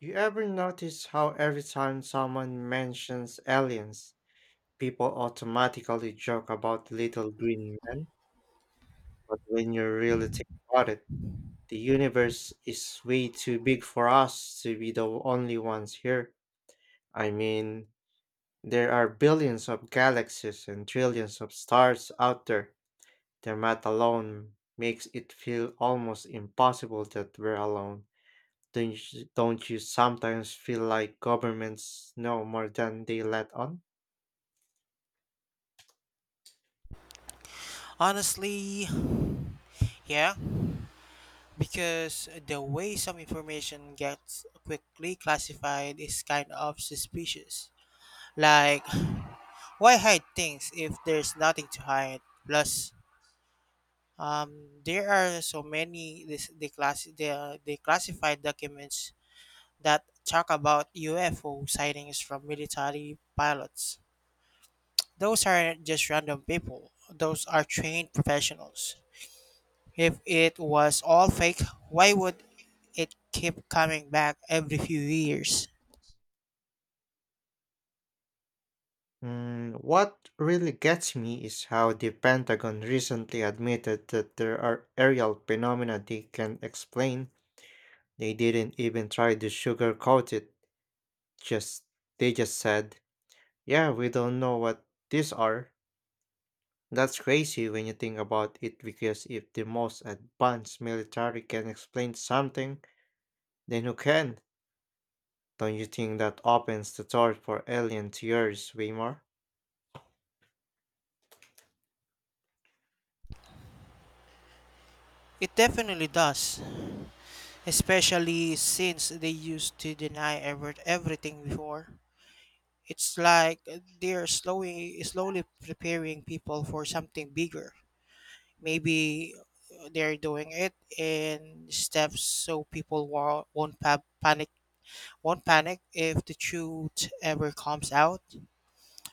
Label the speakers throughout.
Speaker 1: You ever notice how every time someone mentions aliens, people automatically joke about little green men? But when you really think about it, the universe is way too big for us to be the only ones here. I mean, there are billions of galaxies and trillions of stars out there. The math alone makes it feel almost impossible that we're alone. Don't you sometimes feel like governments know more than they let on?
Speaker 2: Honestly, yeah, because the way some information gets quickly classified is kind of suspicious. Like, why hide things if there's nothing to hide? Plus, um, there are so many this declass the declassified documents that talk about UFO sightings from military pilots. Those aren't just random people; those are trained professionals. If it was all fake, why would it keep coming back every few years?
Speaker 1: Mm, what really gets me is how the Pentagon recently admitted that there are aerial phenomena they can explain. They didn't even try to sugarcoat it. Just They just said, "Yeah, we don't know what these are." That's crazy when you think about it because if the most advanced military can explain something, then who can? Don't you think that opens the door for alien theories way more?
Speaker 2: It definitely does, especially since they used to deny everything before. It's like they're slowly preparing people for something bigger. Maybe they're doing it in steps so people won't pa- panic won't panic if the truth ever comes out.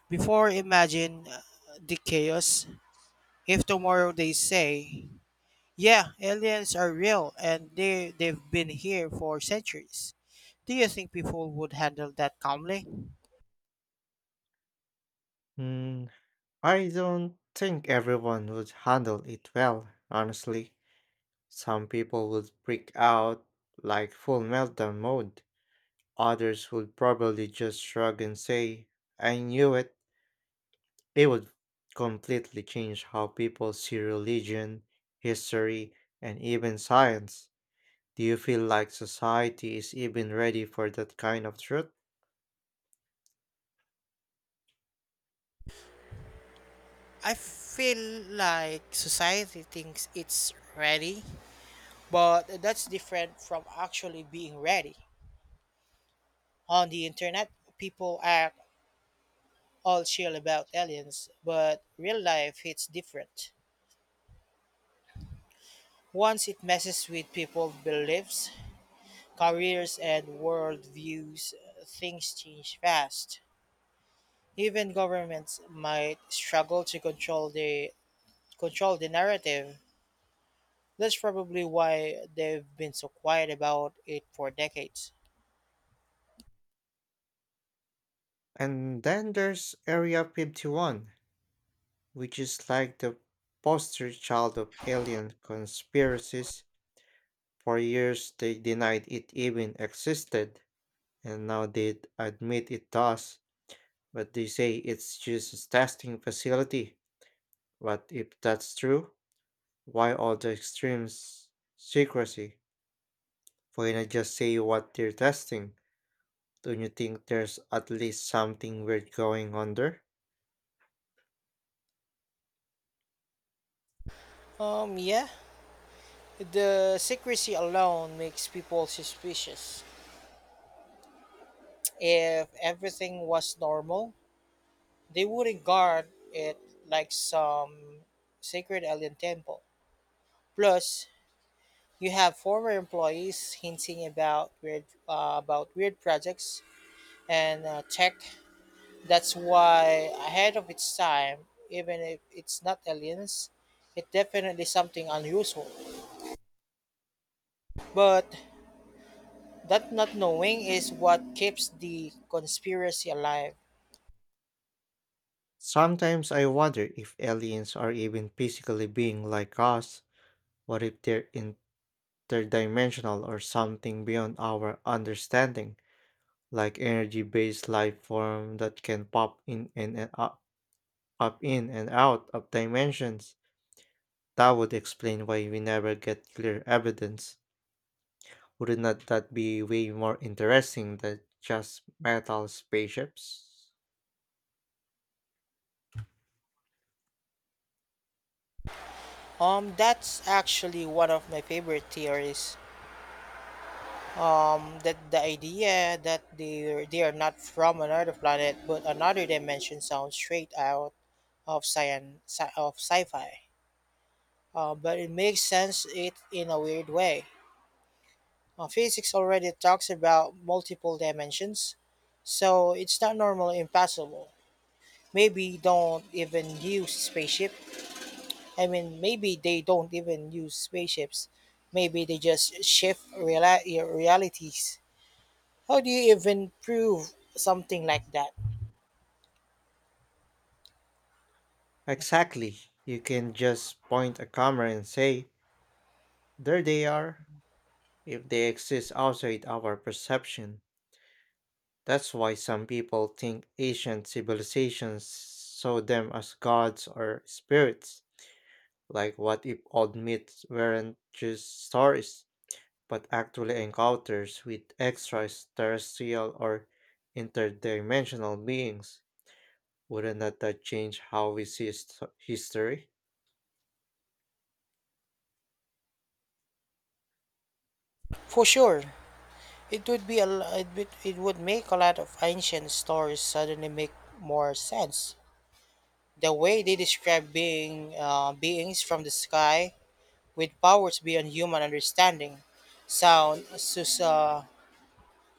Speaker 2: Before, imagine the chaos. If tomorrow they say, yeah, aliens are real and they've been here for centuries, do you think people would handle that calmly?
Speaker 1: Hmm, I don't think everyone would handle it well, honestly. Some people would freak out like full meltdown mode. Others would probably just shrug and say, I knew it. It would completely change how people see religion, history, and even science. Do you feel like society is even ready for that kind of truth?
Speaker 2: I feel like society thinks it's ready, but that's different from actually being ready. On the internet, people are all chill about aliens, but real life hits different. Once it messes with people's beliefs, careers and worldviews, things change fast. Even governments might struggle to control the narrative. That's probably why they've been so quiet about it for decades.
Speaker 1: And then there's Area 51, which is like the poster child of alien conspiracies. For years, they denied it even existed, and now they admit it does, but they say it's just a testing facility. But if that's true, why all the extreme secrecy? Why not just say what they're testing? Don't you think there's at least something weird going on there?
Speaker 2: Yeah, the secrecy alone makes people suspicious. If everything was normal, they wouldn't guard it like some sacred alien temple. Plus, you have former employees hinting about weird projects and tech that's why ahead of its time. Even if it's not aliens, it's definitely something unusual. But that not knowing is what keeps the conspiracy alive.
Speaker 1: Sometimes I wonder if aliens are even physically being like us. What if they're interdimensional or something beyond our understanding, like energy-based life form that can pop in and up, up in and out of dimensions? That would explain why we never get clear evidence. Would not that be way more interesting than just metal spaceships?
Speaker 2: That's actually one of my favorite theories. That the idea that they are not from another planet but another dimension sounds straight out of sci-fi, but it makes sense it in a weird way. Physics already talks about multiple dimensions, so it's not normally impossible. Maybe don't even use spaceship. I mean, maybe they don't even use spaceships. Maybe they just realities. How do you even prove something like that?
Speaker 1: Exactly. You can just point a camera and say, there they are. If they exist outside our perception. That's why some people think ancient civilizations saw them as gods or spirits. Like, what if old myths weren't just stories, but actually encounters with extraterrestrial or interdimensional beings? Wouldn't that change how we see history?
Speaker 2: For sure, it would be a l- it would make a lot of ancient stories suddenly make more sense. The way they describe beings from the sky with powers beyond human understanding sound sus- uh,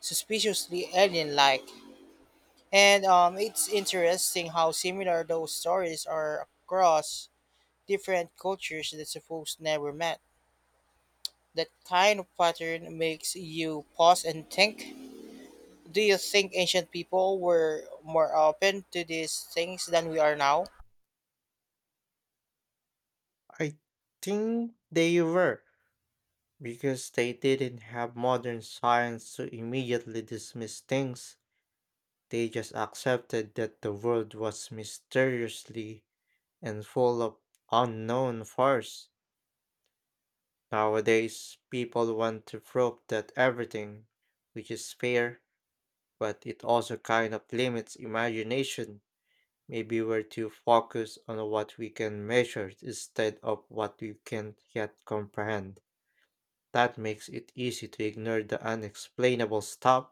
Speaker 2: suspiciously alien-like, and it's interesting how similar those stories are across different cultures that suppose never met. That kind of pattern makes you pause and think. Do you think ancient people were more open to these things than we are now?
Speaker 1: I think they were, because they didn't have modern science to immediately dismiss things. They just accepted that the world was mysteriously and full of unknown force. Nowadays, people want to probe that everything, which is fair, but it also kind of limits imagination. Maybe we're too focused on what we can measure instead of what we can't yet comprehend. That makes it easy to ignore the unexplainable stuff.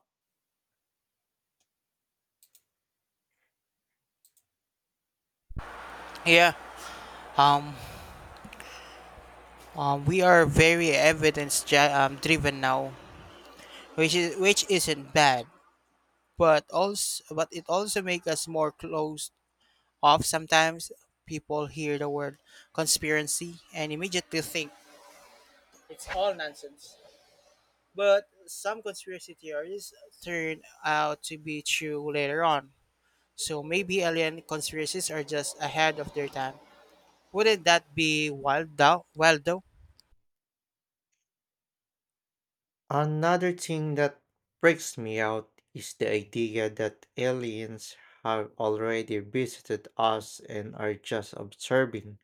Speaker 2: Yeah, we are very driven now, which isn't bad, but it also makes us more closed off. Sometimes people hear the word conspiracy and immediately think it's all nonsense. But some conspiracy theories turn out to be true later on. So maybe alien conspiracies are just ahead of their time. Wouldn't that be wild though? Wild though?
Speaker 1: Another thing that breaks me out is the idea that aliens have already visited us and are just observing,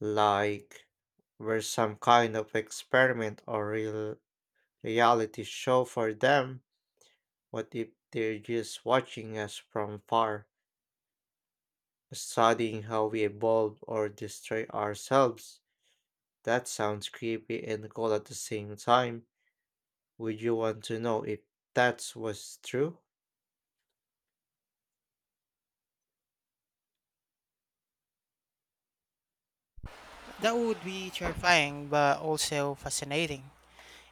Speaker 1: like we're some kind of experiment or reality show for them. What if they're just watching us from far, studying how we evolve or destroy ourselves? That sounds creepy and cool at the same time. Would you want to know if that was true?
Speaker 2: That would be terrifying but also fascinating.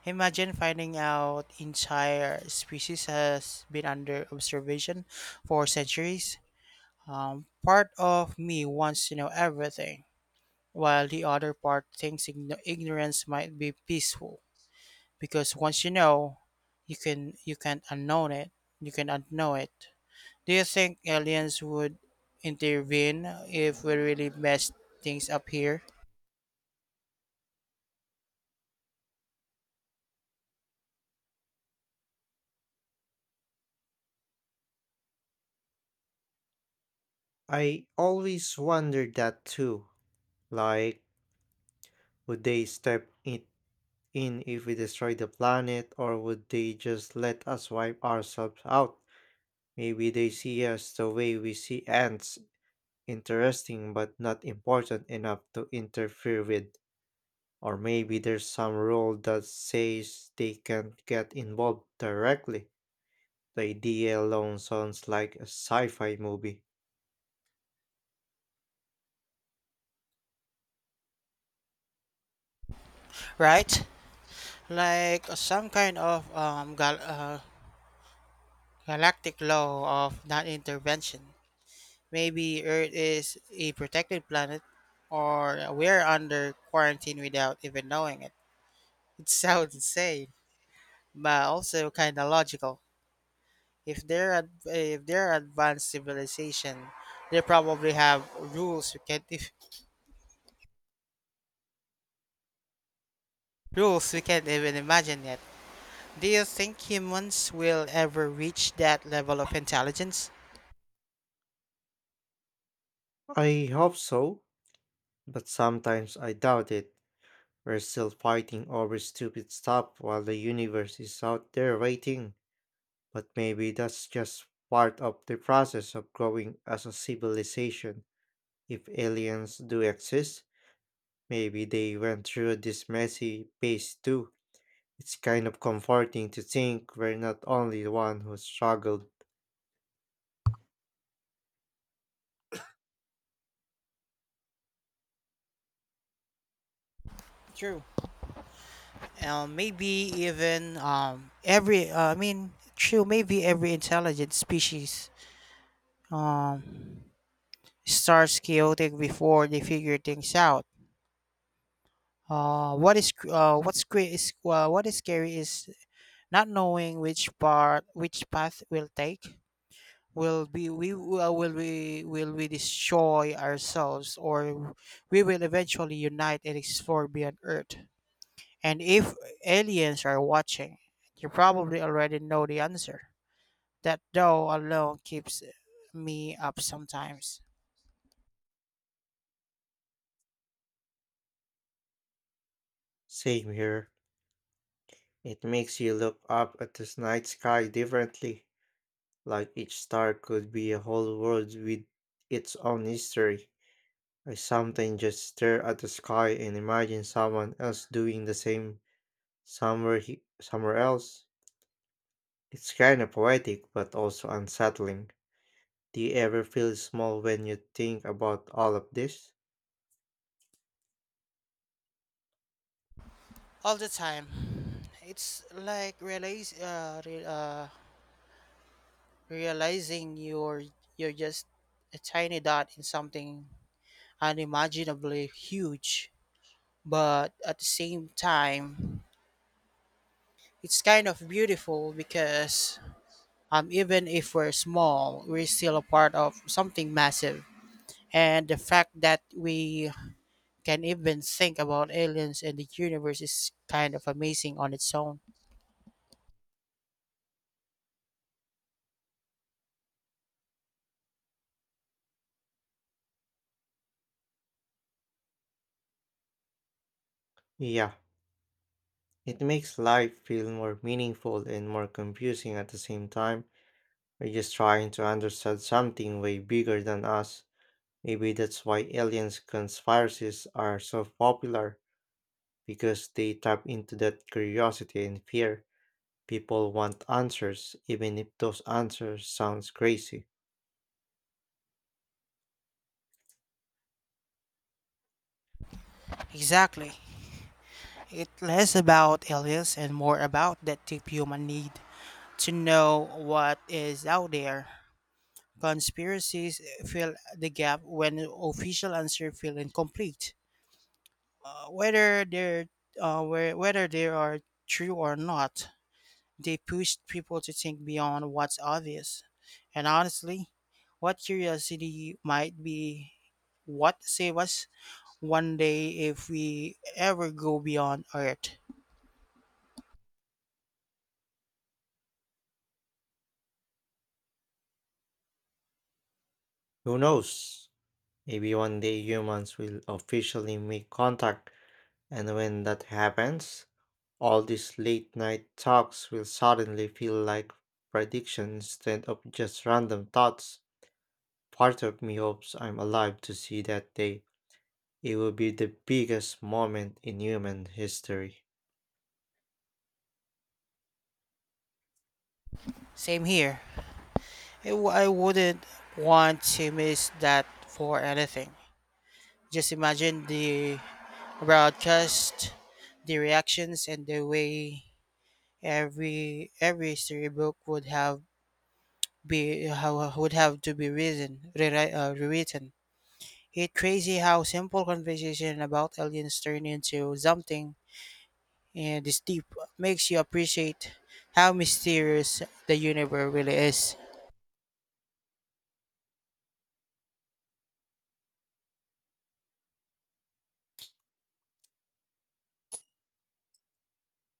Speaker 2: Imagine finding out entire species has been under observation for centuries. Part of me wants to know everything, while the other part thinks ignorance might be peaceful because once you know, you can't unknown it. You can unknow it. Do you think aliens would intervene if we really mess things up here?
Speaker 1: I always wondered that too. Like, would they step it in if we destroy the planet, or would they just let us wipe ourselves out? Maybe they see us the way we see ants, interesting but not important enough to interfere with. Or maybe there's some rule that says they can't get involved directly. The idea alone sounds like a sci fi movie.
Speaker 2: Right? Like some kind of galactic law of non intervention. Maybe Earth is a protected planet or we're under quarantine without even knowing it. It sounds insane, but also kind of logical. If they're advanced civilization, they probably have rules we can't if rules we can't even imagine yet. Do you think humans will ever reach that level of intelligence?
Speaker 1: I hope so, but sometimes I doubt it. We're still fighting over stupid stuff while the universe is out there waiting. But maybe that's just part of the process of growing as a civilization. If aliens do exist, maybe they went through this messy phase too. It's kind of comforting to think we're not only the one who struggled.
Speaker 2: True. Maybe even every, I mean, true, Maybe every intelligent species um, starts chaotic before they figure things out. What is cr- what's cra- is What is scary is not knowing which path we'll take. Will we destroy ourselves, or we will eventually unite and explore beyond Earth. And if aliens are watching, you probably already know the answer. That though alone keeps me up sometimes.
Speaker 1: Same here. It makes you look up at the night sky differently, like each star could be a whole world with its own history. I sometimes just stare at the sky and imagine someone else doing the same somewhere else. It's kind of poetic but also unsettling. Do you ever feel small when you think about all of this?
Speaker 2: All the time. It's like realizing you're just a tiny dot in something unimaginably huge, but at the same time it's kind of beautiful because, even if we're small, we're still a part of something massive, and the fact that we can even think about aliens and the universe is kind of amazing on its own.
Speaker 1: Yeah, it makes life feel more meaningful and more confusing at the same time. We're just trying to understand something way bigger than us. Maybe that's why aliens conspiracies are so popular because they tap into that curiosity and fear. People want answers, even if those answers sounds crazy.
Speaker 2: Exactly. It's less about aliens and more about that deep human need to know what is out there. Conspiracies fill the gap when official answers feel incomplete. Uh, whether they're Whether they are true or not, they push people to think beyond what's obvious. And honestly, what curiosity might be what save us one day if we ever go beyond Earth.
Speaker 1: Who knows? Maybe one day humans will officially make contact, and when that happens, all these late night talks will suddenly feel like predictions instead of just random thoughts. Part of me hopes I'm alive to see that day. It will be the biggest moment in human history.
Speaker 2: Same here. I wouldn't want to miss that for anything. Just imagine the broadcast, the reactions, and the way every storybook would have to be rewritten. It's crazy how simple conversation about aliens turn into something and this deep, makes you appreciate how mysterious the universe really is.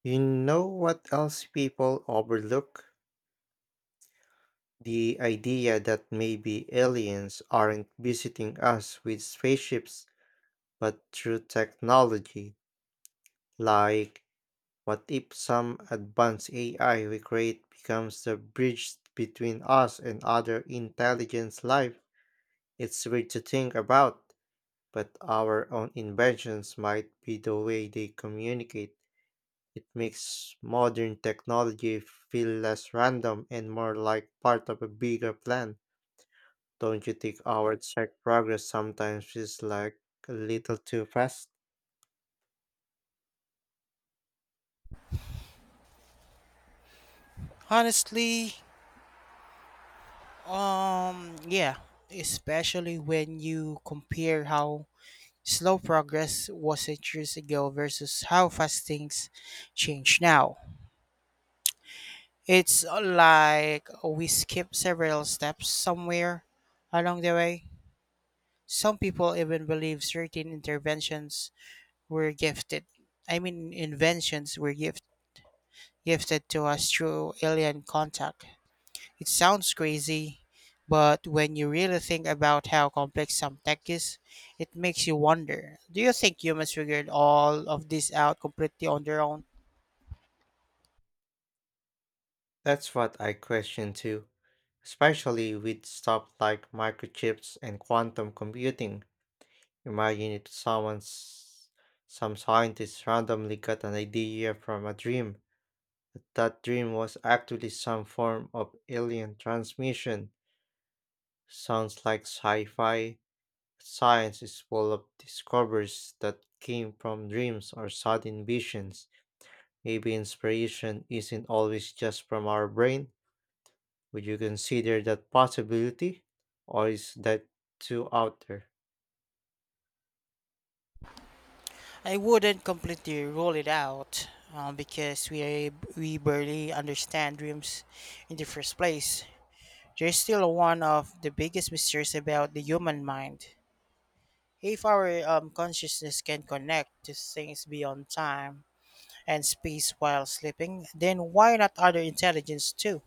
Speaker 1: You know what else people overlook? The idea that maybe aliens aren't visiting us with spaceships but through technology, like what if some advanced AI we create becomes the bridge between us and other intelligence life? It's weird to think about, but our own inventions might be the way they communicate. It makes modern technology feel less random and more like part of a bigger plan. Don't you think our tech progress sometimes feels like a little too fast?
Speaker 2: Honestly, yeah, especially when you compare how slow progress was 8 years ago versus how fast things change now. It's like we skip several steps somewhere along the way. Some people even believe certain interventions were gifted. I mean, inventions were gifted to us through alien contact. It sounds crazy, but when you really think about how complex some tech is, it makes you wonder, do you think humans figured all of this out completely on their own?
Speaker 1: That's what I question too, especially with stuff like microchips and quantum computing. Imagine if some scientist randomly got an idea from a dream. That dream was actually some form of alien transmission. Sounds like sci fi. Science is full of discoveries that came from dreams or sudden visions. Maybe inspiration isn't always just from our brain. Would you consider that possibility? Or is that too out there?
Speaker 2: I wouldn't completely rule it out, uh, because we, we barely understand dreams in the first place. They're still one of the biggest mysteries about the human mind. If our consciousness can connect to things beyond time and space while sleeping, then why not other intelligence too?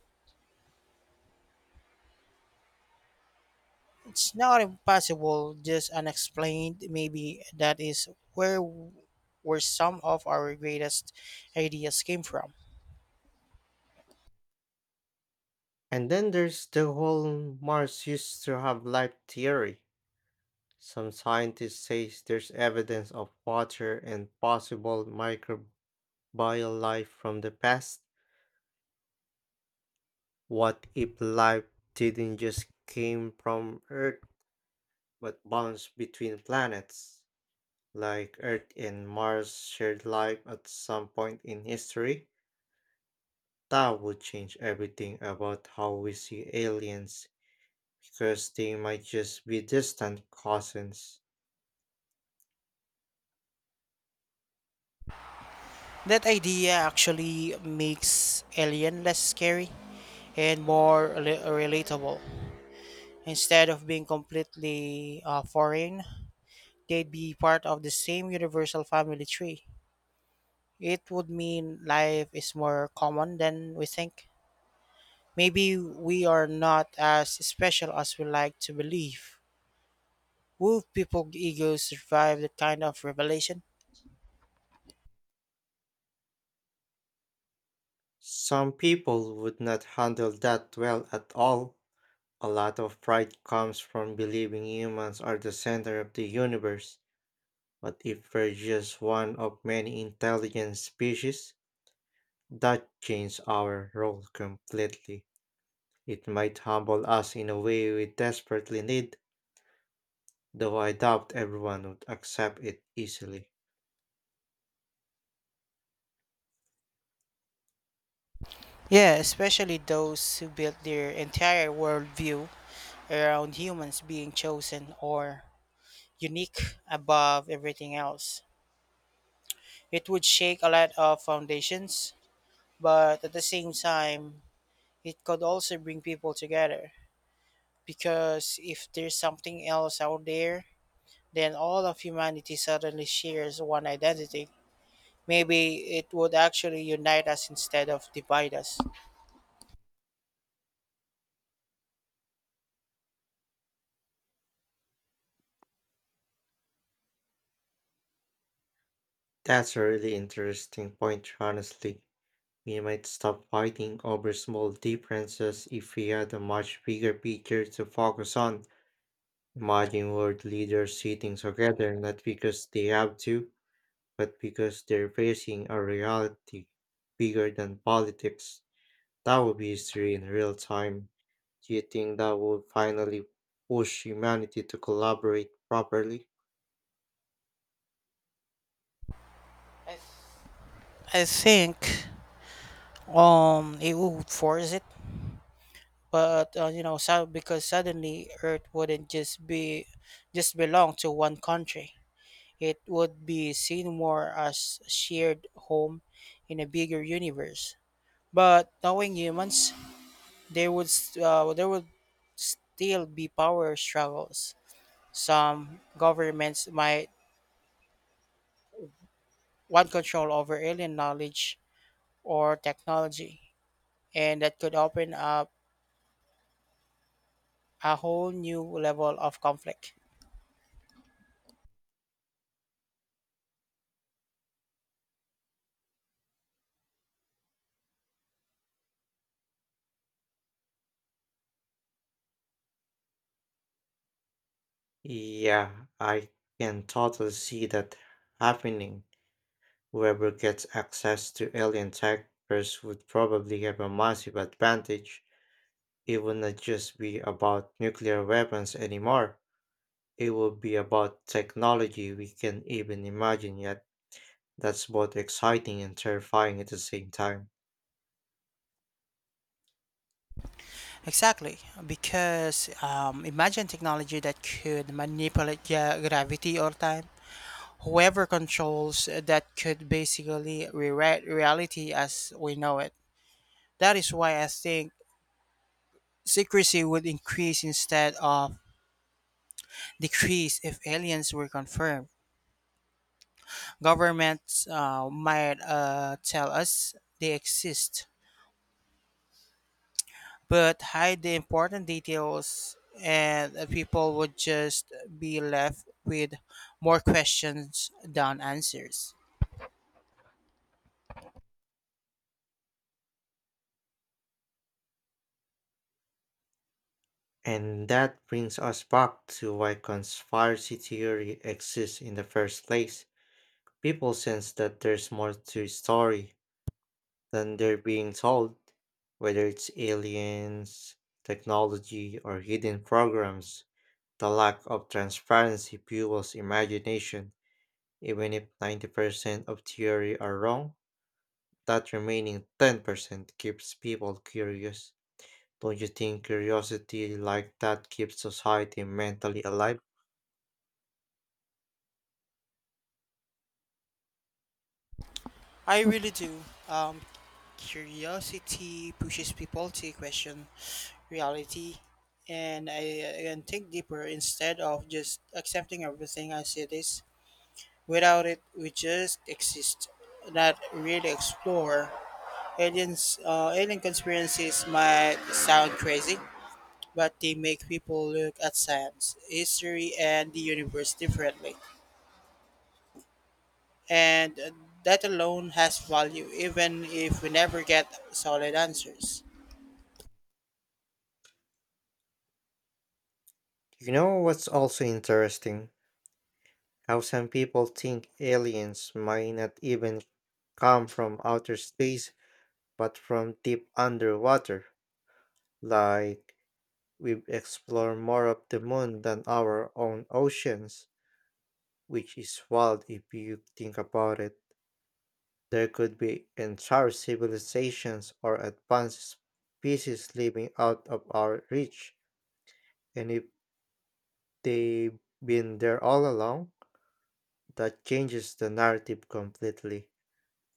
Speaker 2: It's not impossible, just unexplained. Maybe that is where where some of our greatest ideas came from.
Speaker 1: And then there's the whole Mars used to have life theory. Some scientists say there's evidence of water and possible microbial life from the past. What if life didn't just came from Earth but bounced between planets? Like Earth and Mars shared life at some point in history, that would change everything about how we see aliens because they might just be distant cousins.
Speaker 2: That idea actually makes alien less scary and relatable. Instead of being completely foreign, they'd be part of the same universal family tree. It would mean life is more common than we think. Maybe we are not as special as we like to believe. Will people egos survive that kind of revelation?
Speaker 1: Some people would not handle that well at all. A lot of pride comes from believing humans are the center of the universe, but if we're just one of many intelligent species, that changes our role completely. It might humble us in a way we desperately need, though I doubt everyone would accept it easily.
Speaker 2: Yeah, especially those who built their entire worldview around humans being chosen or unique above everything else. It would shake a lot of foundations, but at the same time, it could also bring people together. Because if there's something else out there, then all of humanity suddenly shares one identity. Maybe it would actually unite us instead of divide us.
Speaker 1: That's a really interesting point, honestly. We might stop fighting over small differences if we had a much bigger picture to focus on. Imagine world leaders sitting together not because they have to, but because they're facing a reality bigger than politics. That would be history in real time. Do you think that would finally push humanity to collaborate properly?
Speaker 2: I I think it would force it, but so because suddenly Earth wouldn't just belong to one country. It would be seen more as a shared home in a bigger universe. But knowing humans, there would still be power struggles. Some governments might want control over alien knowledge or technology, and that could open up a whole new level of conflict.
Speaker 1: Yeah, I can totally see that happening. Whoever gets access to alien tech first would probably have a massive advantage. It would not just be about nuclear weapons anymore. It would be about technology we can even imagine yet. That's both exciting and terrifying at the same time.
Speaker 2: Exactly, because imagine technology that could gravity or time. Whoever controls that could basically rewrite reality as we know it. That is why I think secrecy would increase instead of decrease if aliens were confirmed. Governments might tell us they exist, but hide the important details, and people would just be left with more questions than answers.
Speaker 1: And that brings us back to why conspiracy theory exists in the first place. People sense that there's more to a story than they're being told, whether it's aliens, technology, or hidden programs. The lack of transparency fuels imagination. Even if 90% of theory are wrong, that remaining 10% keeps people curious. Don't you think curiosity like that keeps society mentally alive?
Speaker 2: I really do. Um, Curiosity pushes people to question reality, and I and think deeper instead of just accepting everything as it is. Without it, we just exist, not really explore. Alien conspiracies might sound crazy, but they make people look at science, history, and the universe differently. And that alone has value, even if we never get solid answers.
Speaker 1: You know what's also interesting? How some people think aliens might not even come from outer space, but from deep underwater. Like, we explore more of the moon than our own oceans, which is wild if you think about it. There could be entire civilizations or advanced species living out of our reach, and if they've been there all along, that changes the narrative completely.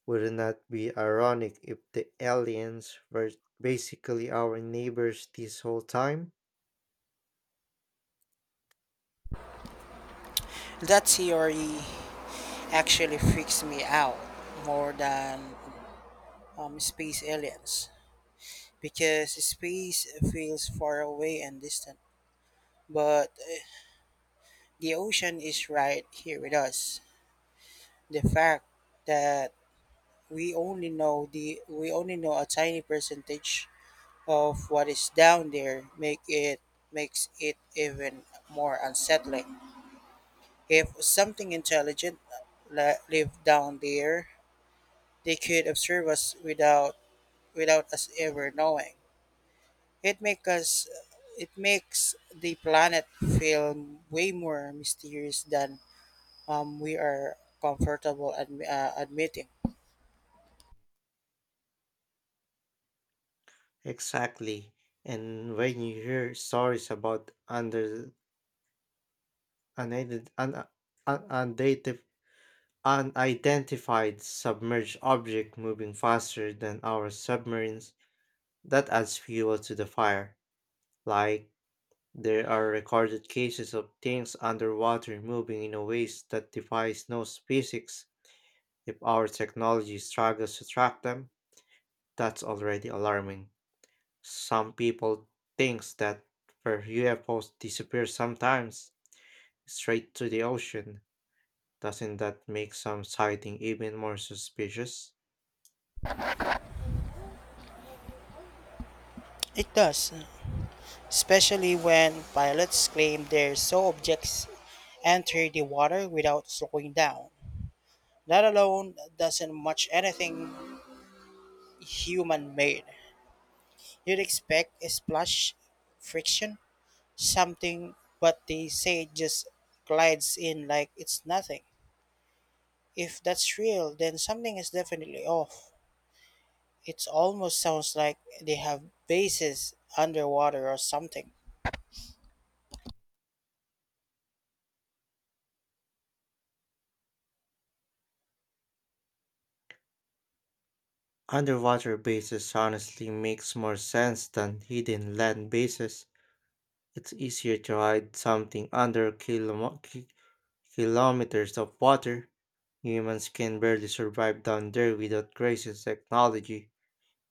Speaker 1: Wouldn't that be ironic if the aliens were basically our neighbors this whole time?
Speaker 2: That theory actually freaks me out more than space aliens, because space feels far away and distant. But the ocean is right here with us. The fact that we only know a tiny percentage of what is down there makes it even more unsettling. If something intelligent lived down there, they could observe us without us ever knowing. It makes us it makes the planet feel way more mysterious than, we are comfortable admitting.
Speaker 1: Exactly. And when you hear stories about under unident- un, un, undated, unidentified submerged object moving faster than our submarines, that adds fuel to the fire. Like there are recorded cases of things underwater moving in a ways that defies no physics. If our technology struggles to track them, that's already alarming. Some people thinks that for UFOs disappear sometimes straight to the ocean. Doesn't that make some sighting even more suspicious?
Speaker 2: It does, especially when pilots claim their saw objects enter the water without slowing down. Let alone doesn't much anything human made. You'd expect a splash, friction, something, but they say it just glides in like it's nothing. If that's real, then something is definitely off. It almost sounds like they have bases underwater or something.
Speaker 1: Underwater bases honestly makes more sense than hidden land bases. It's easier to hide something under kilometers of water. Humans can barely survive down there without crazy technology.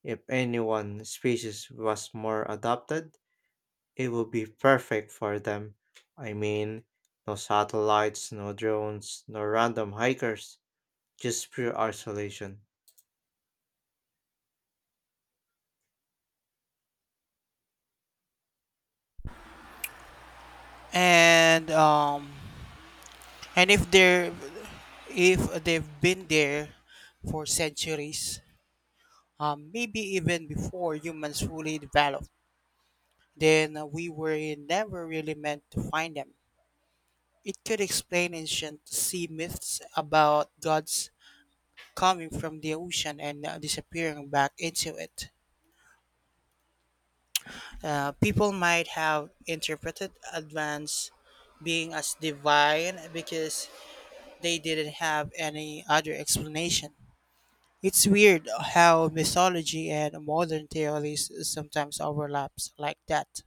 Speaker 1: If any one species was more adapted, it would be perfect for them. I mean, no satellites, no drones, no random hikers, just pure isolation.
Speaker 2: And um, and if they're if they've been there for centuries, maybe even before humans fully develop, then we were never really meant to find them. It could explain ancient sea myths about gods coming from the ocean and disappearing back into it. People might have interpreted advance being as divine because they didn't have any other explanation. It's weird how mythology and modern theories sometimes overlaps like that.